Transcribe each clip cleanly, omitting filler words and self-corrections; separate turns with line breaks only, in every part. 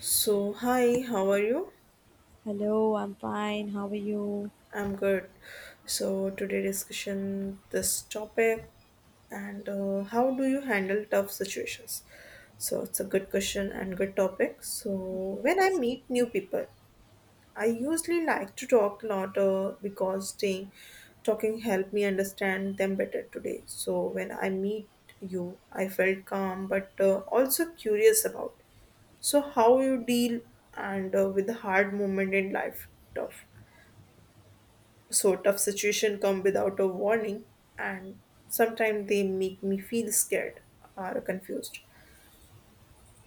So, hi, how are you?
Hello, I'm fine. How are you?
I'm good. So, today discussion this topic and how do you handle tough situations? So, it's a good question and good topic. So, when I
Yes.
meet new people, I usually like to talk a lot because talking helped me understand them better today. So, when I meet you, I felt calm but also curious about. So, how you deal and with the hard moment in life, tough. Sort of situation come without a warning and sometimes they make me feel scared or confused,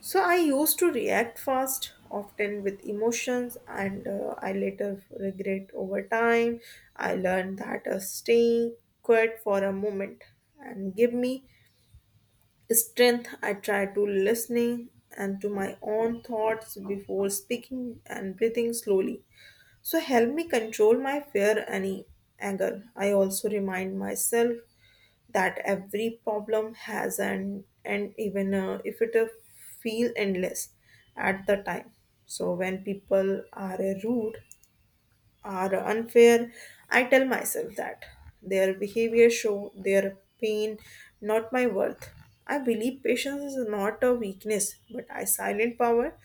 so I used to react fast often with emotions, and I later regret over time. I learned that staying quiet for a moment and give me strength. I try to listening and to my own thoughts before speaking and breathing slowly, so help me control my fear and anger. I also remind myself that every problem has an and even if it feel endless at the time. So when people are rude, are unfair, I tell myself that. Their behavior show their pain, not my worth. I believe patience is not a weakness, but a silent power.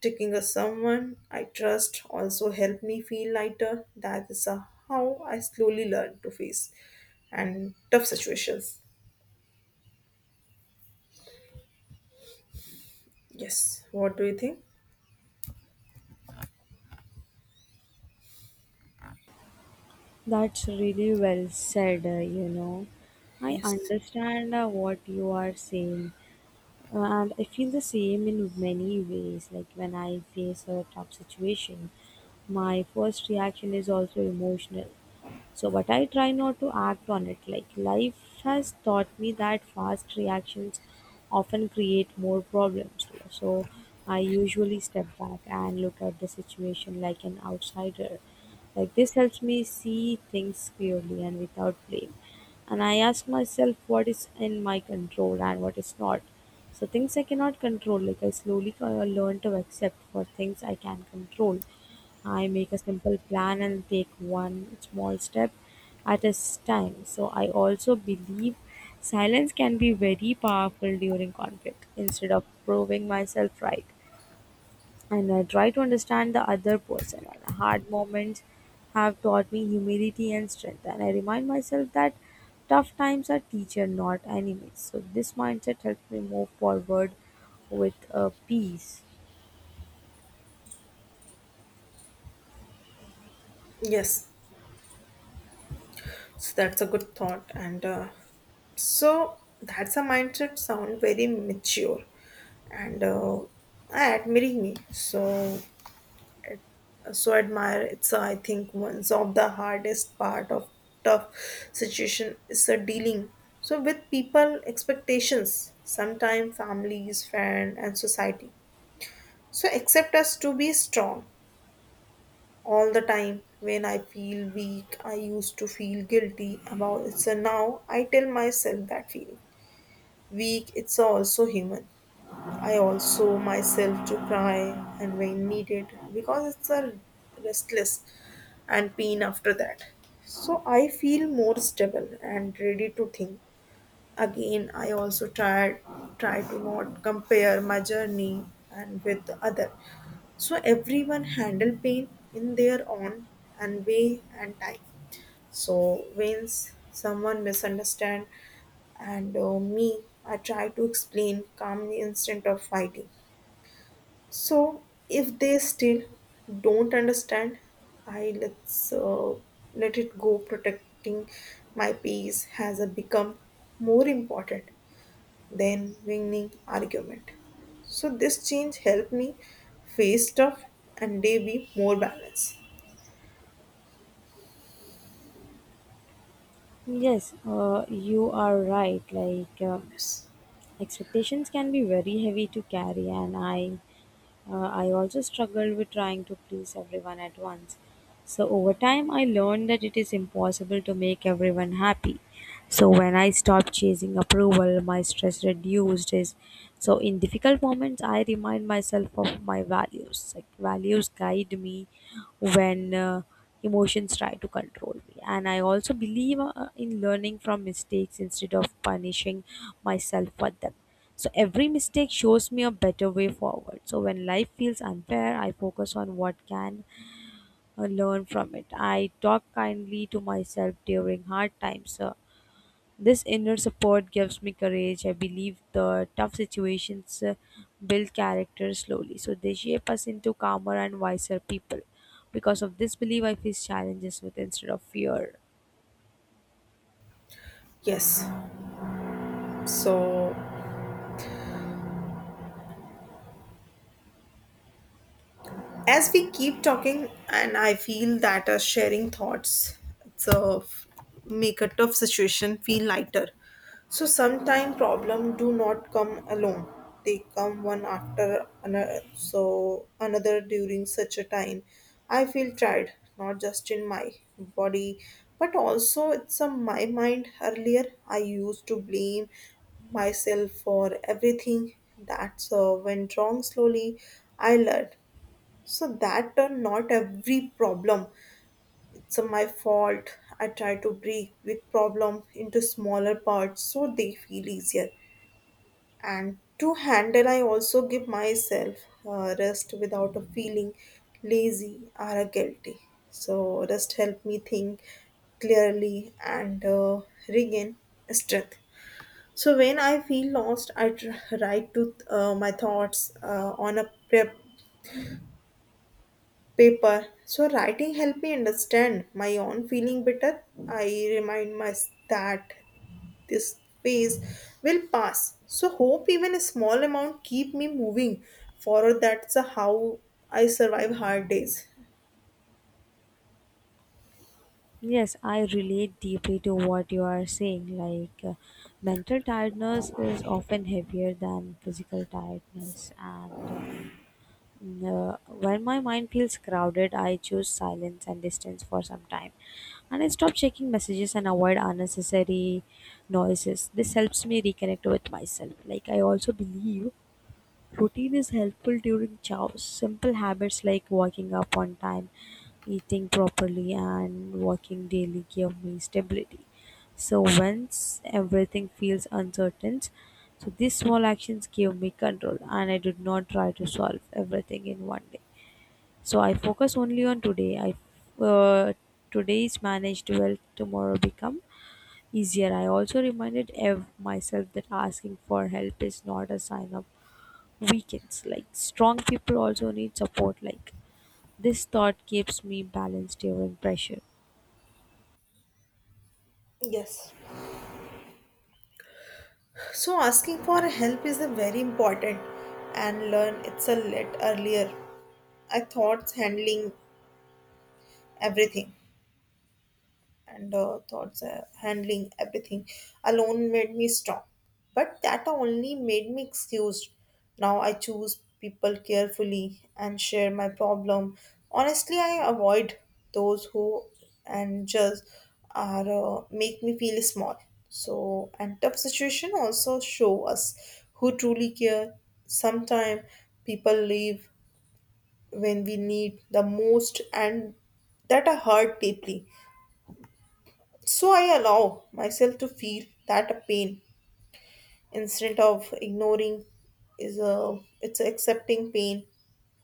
Taking a someone I trust also help me feel lighter. That is how I slowly learn to face and tough situations. Yes. What do you think?
That's really well said. I
Yes.
understand what you are saying, and I feel the same in many ways. Like when I face a tough situation, my first reaction is also emotional. So, but I try not to act on it. Like, life has taught me that fast reactions often create more problems. So, I usually step back and look at the situation like an outsider. Like, this helps me see things clearly and without blame. And I ask myself what is in my control and what is not. So, things I cannot control, like, I slowly learn to accept for things I can control. I make a simple plan and take one small step at a time. So I also believe silence can be very powerful during conflict. Instead of proving myself right, and I try to understand the other person. And hard moments have taught me humility and strength, and I remind myself that tough times are teacher, not enemies. So this mindset helps me move forward with peace.
Yes. So that's a good thought. And so that's a mindset sound very mature. And admiring me so ad- so admire it's I think one of the hardest part of tough situation is dealing so with people expectations, sometimes families friend and society, so accept us to be strong all the time. When I feel weak, I used to feel guilty about it. So now I tell myself that feeling weak it's also human. I also myself to cry and when needed, because it's a restless and pain after that. So I feel more stable and ready to think. Again, I also try to not compare my journey and with the other. So everyone handle pain in their own and way and time. So when someone misunderstand and me, I try to explain calmly instead of fighting. So if they still don't understand, I let it go. Protecting my peace has become more important than winning argument. So this change helped me face stuff and day be more balanced.
Yes, you are right. Like.
Yes.
Expectations can be very heavy to carry, and I also struggled with trying to please everyone at once. So over time, I learned that it is impossible to make everyone happy. So when I stopped chasing approval, my stress reduced. Is so in difficult moments, I remind myself of my values. Like values guide me when emotions try to control me. And I also believe in learning from mistakes instead of punishing myself for them. So every mistake shows me a better way forward. So when life feels unfair, I focus on what can learn from it. I talk kindly to myself during hard times. This inner support gives me courage. I believe the tough situations build character slowly. So they shape us into calmer and wiser people. Because of this belief, I face challenges with instead of fear.
Yes. So as we keep talking and I feel that sharing thoughts it's a make a tough situation feel lighter. So sometimes problem do not come alone, they come one after another. So another during such a time I feel tired, not just in my body but also it's on my mind. Earlier I used to blame myself for everything that's went wrong. Slowly I learned so that done, not every problem. It's my fault. I try to break big problem into smaller parts so they feel easier. And to handle, I also give myself rest without a feeling lazy or guilty. So rest help me think clearly and regain strength. So when I feel lost, I write to my thoughts on a prep paper. So writing helped me understand my own feeling better. I remind myself that this phase will pass. So hope even a small amount keep me moving forward. That's how I survive hard days.
Yes, I relate deeply to what you are saying. Like, mental tiredness is often heavier than physical tiredness, and when my mind feels crowded, I choose silence and distance for some time, and I stop checking messages and avoid unnecessary noises. This helps me reconnect with myself. Like, I also believe routine is helpful during chaos. Simple habits like waking up on time, eating properly, and walking daily give me stability. So once everything feels uncertain, so these small actions give me control, and I did not try to solve everything in one day. So I focus only on today. I today is managed well. Tomorrow become easier. I also reminded myself that asking for help is not a sign of weekends, like strong people also need support. Like, this thought keeps me balanced during pressure.
Yes. So asking for help is a very important and learn it's a let earlier. I thought handling everything. And thoughts handling everything alone made me strong, but that only made me excused. Now I choose people carefully and share my problem honestly. I avoid those who and just are make me feel small. So and tough situation also show us who truly care. Sometimes people leave when we need the most, and that are hurt deeply. So I allow myself to feel that pain instead of ignoring. Is a it's accepting pain.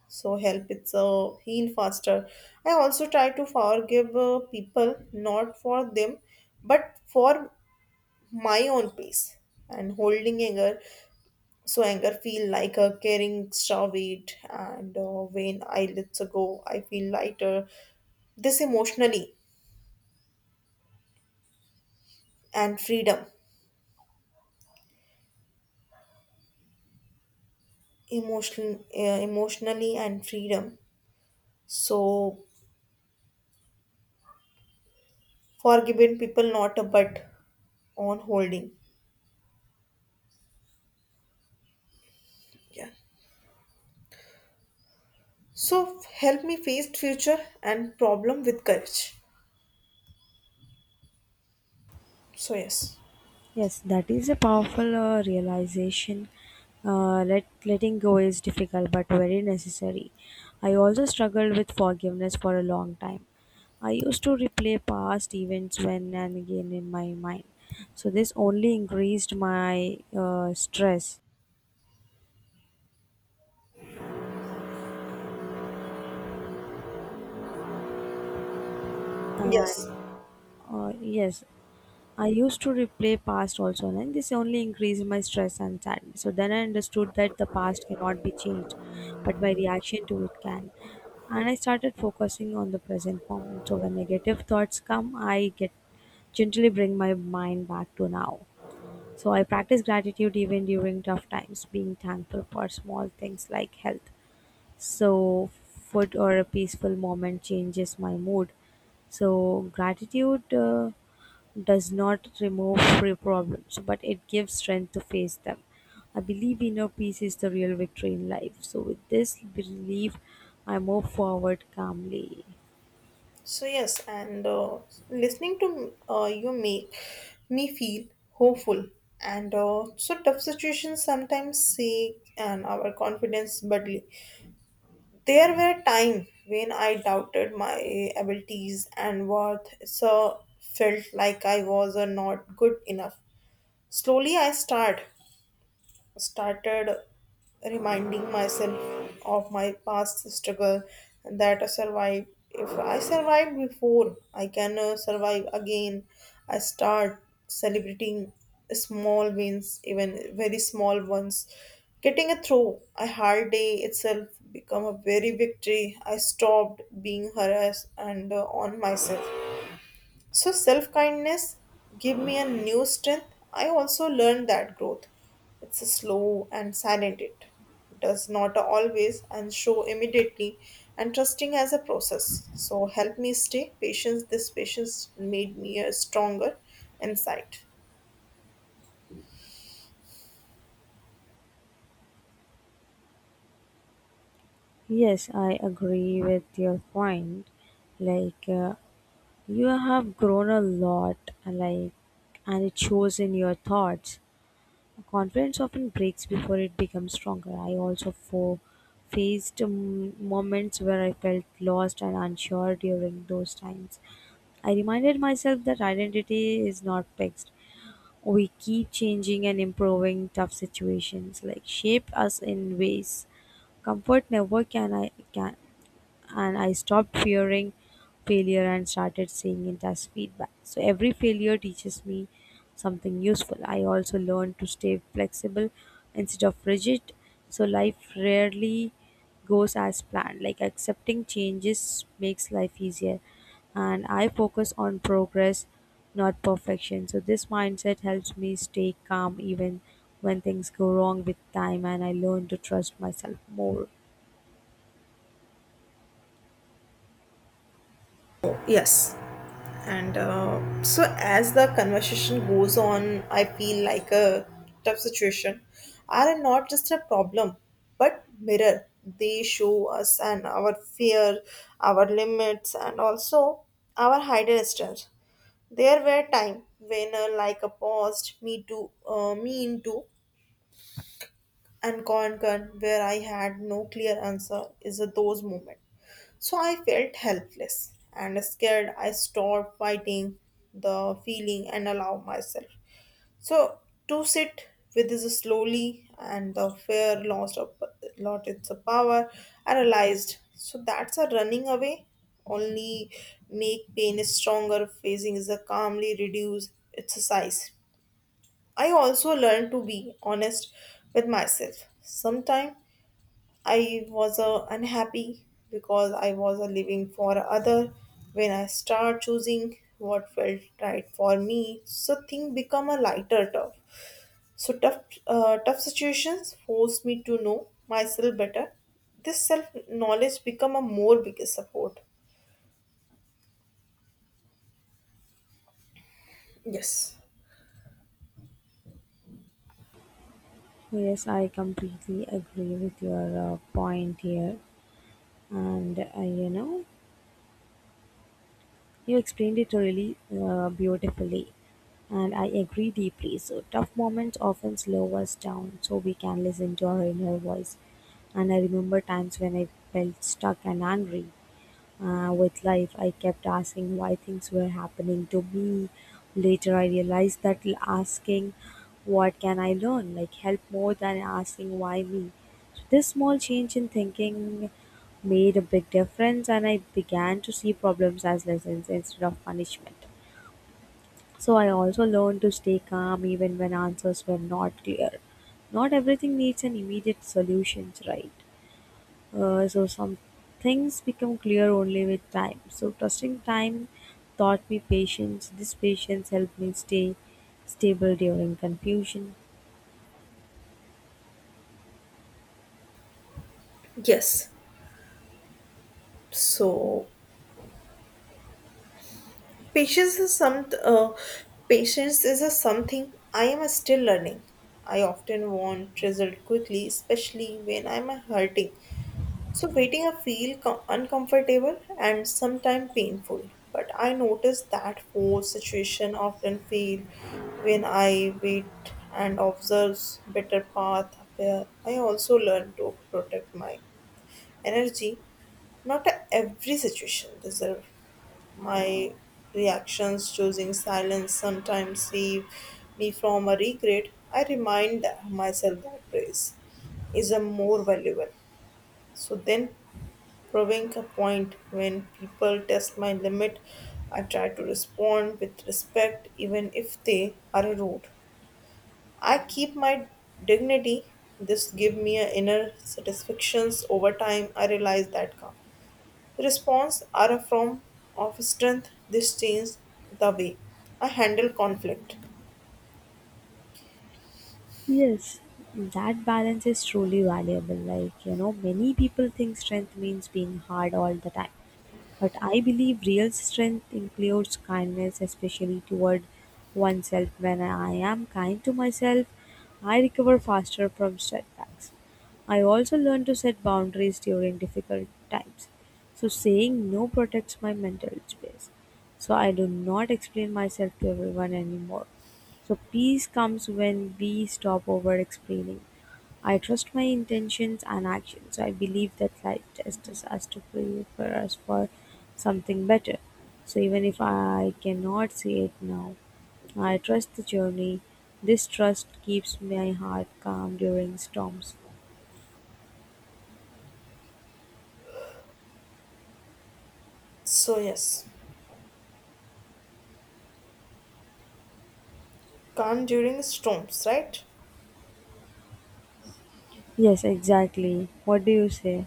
So help it's a heal faster. I also try to forgive people, not for them but for my own peace and holding anger. So anger feel like a carrying extra weight, and when I let go I feel lighter. This emotionally and freedom emotion emotionally and freedom. So forgiven people not a but on holding. Yeah. So help me face future and problem with courage. So yes.
Yes, that is a powerful realization. Letting go is difficult but very necessary. I also struggled with forgiveness for a long time. I used to replay past events when and again in my mind. So this only increased my stress. And
Yes.
yes, I used to replay past also, and this only increased my stress and sadness. So then I understood that the past cannot be changed, but my reaction to it can. And I started focusing on the present moment. So when negative thoughts come, I get gently bring my mind back to now. So I practice gratitude even during tough times, being thankful for small things like health. So food or a peaceful moment changes my mood. So gratitude does not remove free problems, but it gives strength to face them. I believe inner peace is the real victory in life. So, with this belief, I move forward calmly.
So yes, and listening to you make me feel hopeful. And so tough situations sometimes shake and our confidence badly. There were times when I doubted my abilities and worth, so felt like I was not good enough. Slowly, I started reminding myself of my past struggle and that I survive. If I survived before, I can survive again. I start celebrating small wins, even very small ones. Getting a through a hard day itself become a very victory. I stopped being harassed and on myself. So self kindness give me a new strength. I also learned that growth. It's a slow and silent, it does not always and show immediately, and trusting as a process. So help me stay patience. This patience made me a stronger insight.
Yes, I agree with your point. Like, you have grown a lot, like, and it shows in your thoughts. Confidence often breaks before it becomes stronger. I also faced moments where I felt lost and unsure during those times. I reminded myself that identity is not fixed. We keep changing and improving. Tough situations like shape us in ways comfort never can. I can, and I stopped fearing failure and started seeing it as feedback. So every failure teaches me something useful. I also learned to stay flexible instead of rigid. So life rarely goes as planned. Like accepting changes makes life easier. And I focus on progress, not perfection. So this mindset helps me stay calm even when things go wrong with time and I learn to trust myself more.
Yes. And so, as the conversation goes on, I feel like a tough situation are not just a problem but mirror. They show us and our fear, our limits, and also our hidden strength. There were times when, like a paused me to me into and conquered, where I had no clear answer. Is those moments, so I felt helpless and scared. I stopped fighting the feeling and allowed myself. So to sit with this slowly and the fear lost a lot its power. I realized so that's a running away only make pain stronger. Facing is a calmly reduce its size. I also learned to be honest with myself. Sometimes I was unhappy because I was living for other when I start choosing what felt right for me. So thing become a lighter tough. So tough situations forced me to know myself better. This self knowledge become a more biggest support. Yes.
Yes, I completely agree with your point here, and you explained it really beautifully, and I agree deeply. So, tough moments often slow us down so we can listen to our inner voice. And I remember times when I felt stuck and angry with life. I kept asking why things were happening to me. Later, I realized that asking what can I learn like help more than asking why me. So this small change in thinking made a big difference, and I began to see problems as lessons instead of punishment. So I also learned to stay calm even when answers were not clear. Not everything needs an immediate solution, right? So some things become clear only with time. So trusting time taught me patience. This patience helped me stay stable during confusion.
Yes. So Patience is some uh, patience is a something I am still learning. I often want result quickly, especially when I'm hurting. So waiting I feel uncomfortable and sometimes painful. But I notice that force situation often feel when I wait and observe, better path appear. I also learn to protect my energy. Not every situation deserve my reactions. Choosing silence, sometimes save me from a regret. I remind myself that praise is a more valuable. So then, proving a point when people test my limit, I try to respond with respect, even if they are rude. I keep my dignity. This give me an inner satisfactions over time. I realize that calm. Response are a form of strength. This changes the way I handle conflict.
Yes, that balance is truly valuable. Like many people think strength means being hard all the time. But I believe real strength includes kindness, especially toward oneself. When I am kind to myself, I recover faster from setbacks. I also learn to set boundaries during difficult times. So, saying no protects my mental space. So, I do not explain myself to everyone anymore. So, peace comes when we stop over explaining. I trust my intentions and actions. I believe that life tests us as to prepare us for something better. So even if I cannot see it now, I trust the journey. This trust keeps my heart calm during storms.
So yes, calm during storms, right?
Yes, exactly. What do you say?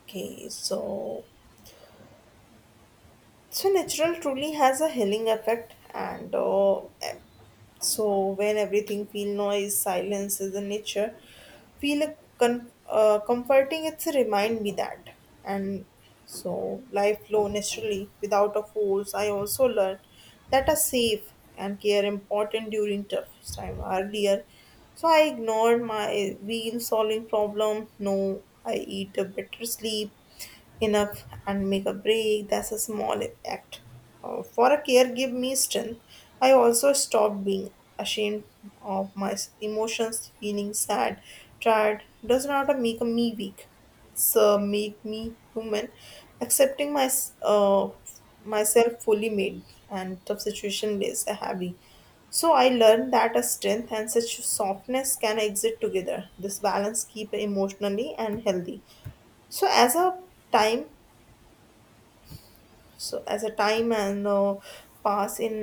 Okay, so natural truly has a healing effect, and so when everything feel noise, silence is in nature, feel a comforting. It's a remind me that, and so life flow naturally without a force. I also learned that are safe and care important during tough time earlier. So I ignored my real solving problem. No, I eat a better sleep enough and make a break. That's a small act. For a care give me strength. I also stopped being ashamed of my emotions. Feeling sad, tired does not make me weak. So make me human. Accepting my myself fully made and tough situation is a heavy. So I learned that a strength and such softness can exist together. This balance keep emotionally and healthy. So as a time, and pass in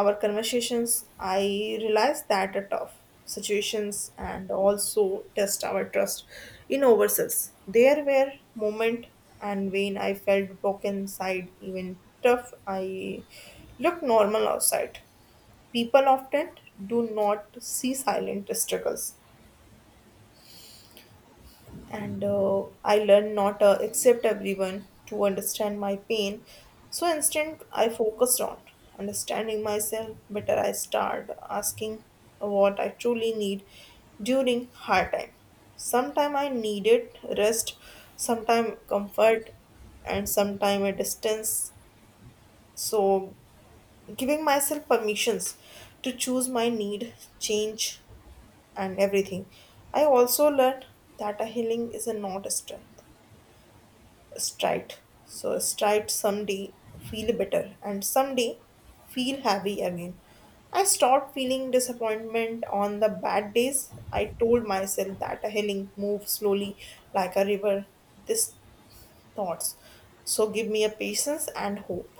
our conversations, I realized that are tough situations and also test our trust in ourselves. There were moment and when I felt broken inside, even tough I look normal outside. People often do not see silent struggles, and I learned not to accept everyone to understand my pain. So instead, I focused on understanding myself better. I started asking what I truly need during hard time. Sometime I needed rest, sometime comfort, and sometime a distance. So giving myself permissions to choose my need, change, and everything. I also learned that a healing is a not a strength stride. So stride someday feel better and someday feel happy again. I stopped feeling disappointment on the bad days. I told myself that a healing move slowly like a river. These thoughts. So give me a patience and hope.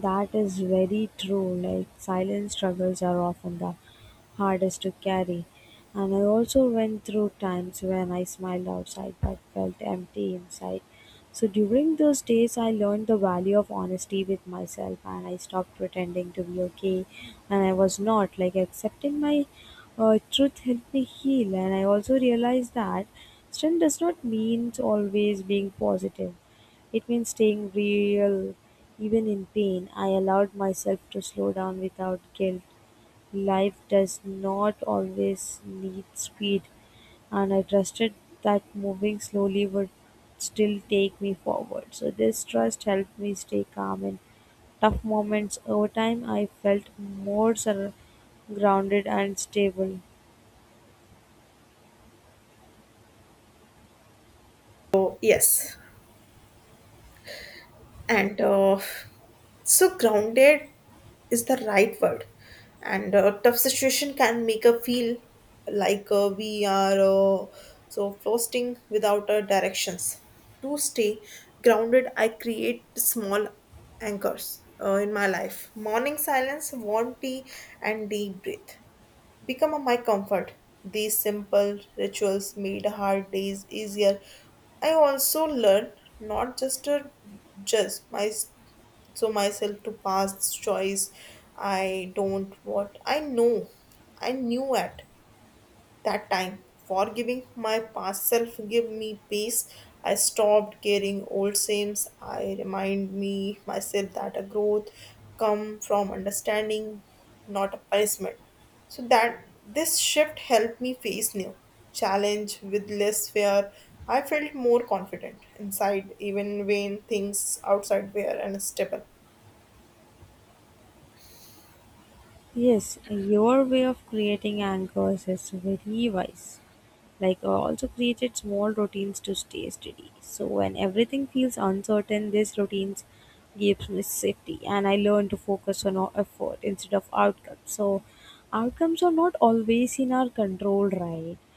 That is very true. Like silent struggles are often the hardest to carry. And I also went through times when I smiled outside but felt empty inside. So during those days, I learned the value of honesty with myself and I stopped pretending to be okay. And I was not. Like accepting my truth helped me heal. And I also realized that strength does not mean always being positive. It means staying real even in pain. I allowed myself to slow down without guilt. Life does not always need speed, and I trusted that moving slowly would still take me forward. So, this trust helped me stay calm in tough moments. Over time, I felt more grounded and stable.
So yes. and so grounded is the right word, and tough situation can make us feel like we are so floating without our directions. To stay grounded, I create small anchors in my life. Morning silence, warm tea and deep breath become a my comfort. These simple rituals made hard days easier. I also learned not just to judge my so myself to past choice. I don't what I know I knew at that time. Forgiving my past self gave me peace. I stopped carrying old sins. I remind me myself that a growth come from understanding, not a punishment. So that this shift helped me face new challenge with less fear. I felt more confident inside, even when things outside were unstable.
Yes, your way of creating anchors is very wise. Like, also created small routines to stay steady. So when everything feels uncertain, these routines gives me safety, and I learn to focus on our effort instead of outcomes. So outcomes are not always in our control, right?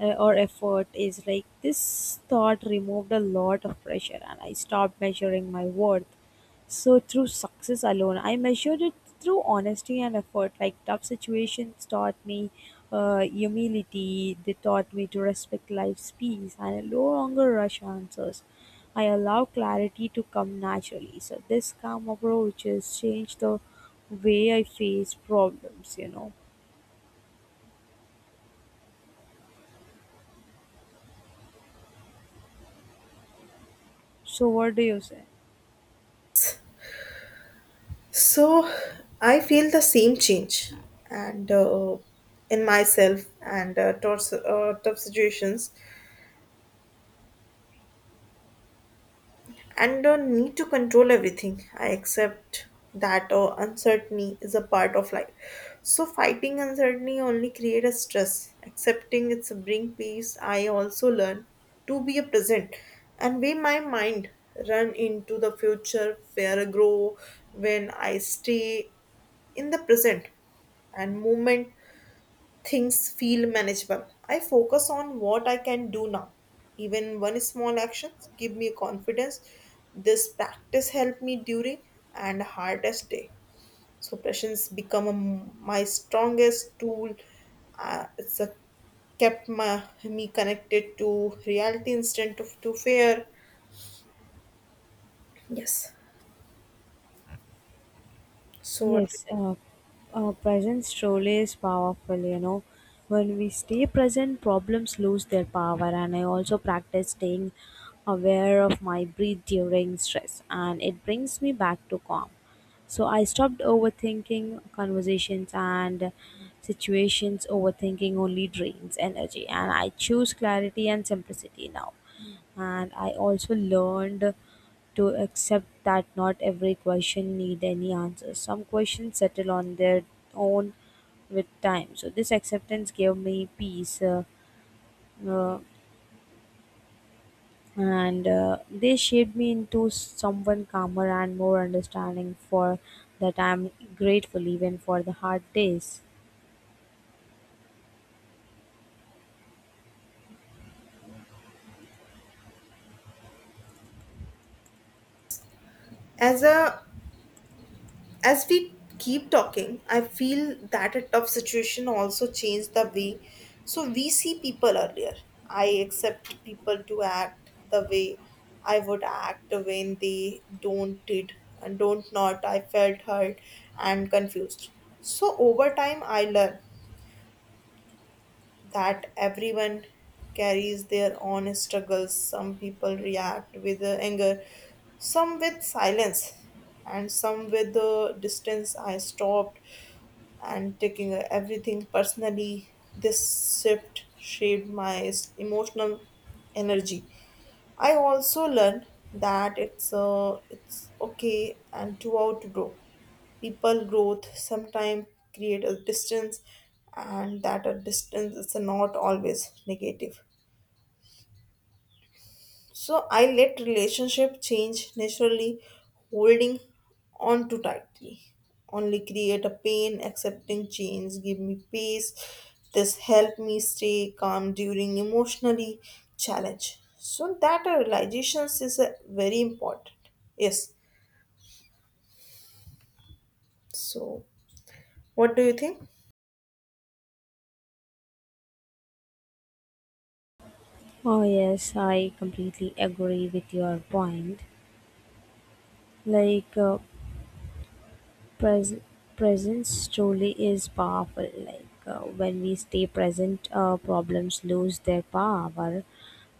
or effort is like this thought removed a lot of pressure, and I stopped measuring my worth so through success alone, I measured it through honesty and effort. Like tough situations taught me humility. They taught me to respect life's peace and no longer rush answers. I allow clarity to come naturally. So this calm approach has changed the way I face problems. You know. So what do you say?
So I feel the same change, and in myself and towards tough situations, and need to control everything. I accept that uncertainty is a part of life. So fighting uncertainty only create a stress. Accepting it's a bring peace. I also learn to be a present and way my mind run into the future where I grow. When I stay in the present and moment, things feel manageable. I focus on what I can do now. Even one small action give me confidence. This practice helped me during and hardest day. So patience become my strongest tool. Uh, it's a, Kept me connected to reality instead of to fear. Yes. So
Yes, presence truly is powerful. When we stay present, problems lose their power, and I also practice staying aware of my breath during stress, and it brings me back to calm. So I stopped overthinking conversations and situations, overthinking only drains energy, and I choose clarity and simplicity now and I also learned to accept that not every question need any answer. Some questions settle on their own with time. So this acceptance gave me peace, uh, and they shaped me into someone calmer and more understanding. For that, I'm grateful even for the hard days.
as a as we keep talking, I feel that a tough situation also changed the way so we see people earlier. I accept people to act the way I would act. When they don't did and don't not, I felt hurt and confused. So over time, I learned that everyone carries their own struggles. Some people react with anger, some with silence, and some with distance. I stopped and taking everything personally. This shift shaped my emotional energy. I also learned that it's okay and to outgrow. People growth sometimes create a distance, and that a distance is not always negative. So I let relationship change naturally, holding on too tightly. Only create a pain. Accepting change, give me peace. This help me stay calm during emotionally challenge. So that realizations is very important. Yes. So what do you think?
Oh yes, I completely agree with your point. Like. Pres- presence truly is powerful, like when we stay present, problems lose their power,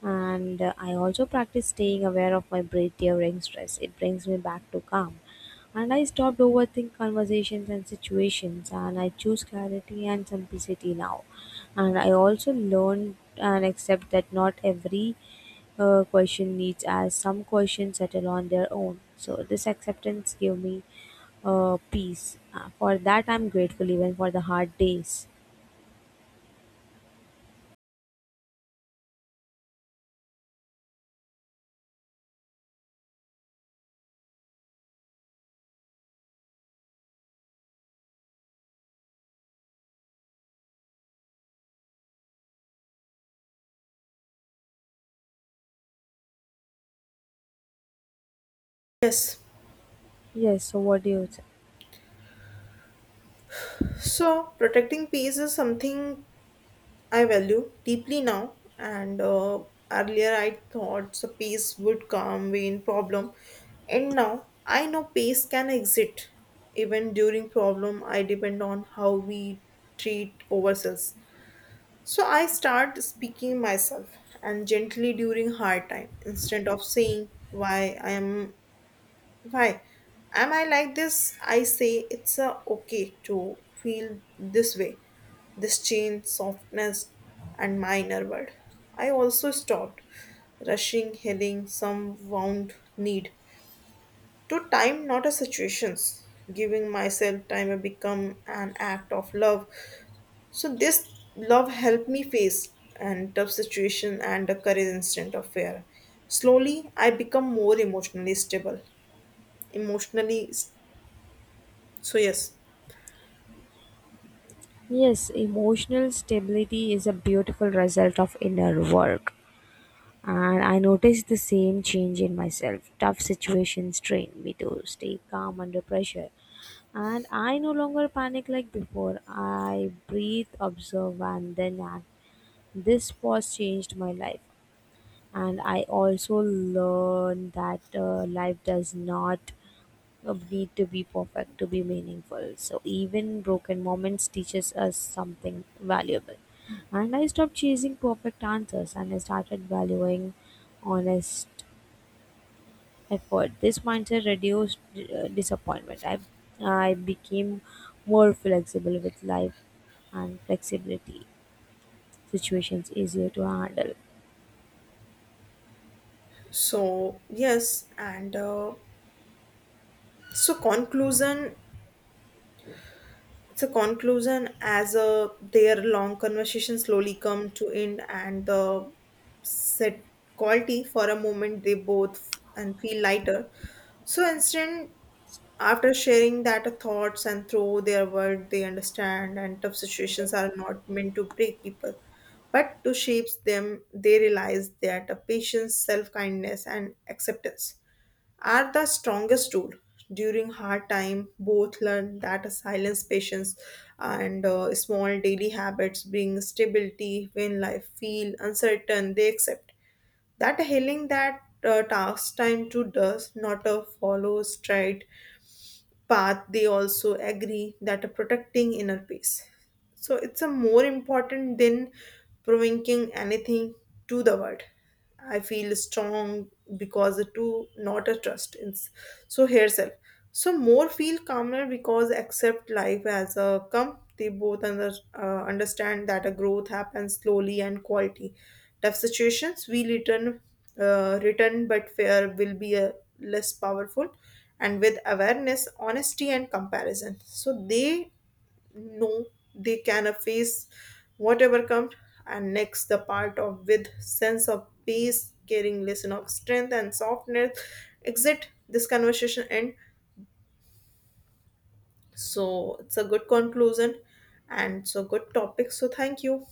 and I also practice staying aware of my breath during stress, it brings me back to calm, and I stopped overthinking conversations and situations, and I choose clarity and simplicity now, and I also learned and accept that not every question needs as some questions settle on their own. So this acceptance gave me peace. For that, I'm grateful even for the hard days.
Yes.
Yes. So what do you?
So protecting peace is something I value deeply now, and earlier I thought so peace would come when problem, and now I know peace can exist even during problem. I depend on how we treat ourselves. So I start speaking myself and gently during hard time instead of saying why am I like this? I say it's a okay to feel this way. This change, softness, and minor word. I also stopped rushing, heading some wound need to time, not a situations. Giving myself time will become an act of love. So this love helped me face and tough situation and the courage instant of fear. Slowly, I become more emotionally stable. Emotionally. So yes.
Yes, emotional stability is a beautiful result of inner work. And I noticed the same change in myself. Tough situations trained me to stay calm under pressure. And I no longer panic like before. I breathe, observe, and then act. This pause changed my life. And I also learned that life does not need to be perfect to be meaningful. So even broken moments teaches us something valuable. And I stopped chasing perfect answers and I started valuing honest effort. This mindset reduced disappointment. I became more flexible with life and flexibility situations easier to handle.
And So conclusion. As their long conversation slowly come to end and the set quality for a moment, they both f- and feel lighter. So instant after sharing that thoughts and through their word, they understand and tough situations are not meant to break people, but to shape them. They realize that a patience, self-kindness, and acceptance are the strongest tool during hard time. Both learn that silence, patience, and small daily habits bring stability when life feel uncertain. They accept that healing that task time to does not a follow straight path. They also agree that protecting inner peace, so it's a more important than provoking anything to the world. I feel strong because to not a trust in, so herself. So more feel calmer because accept life as a come. They both understand that a growth happens slowly and quality. Tough situations we return, but fear will be a less powerful, and with awareness, honesty, and comparison. So they know they can face whatever comes. And next, the part of with sense of peace, caring lesson of strength and softness. Exit this conversation end. So it's a good conclusion and so good topic. So thank you.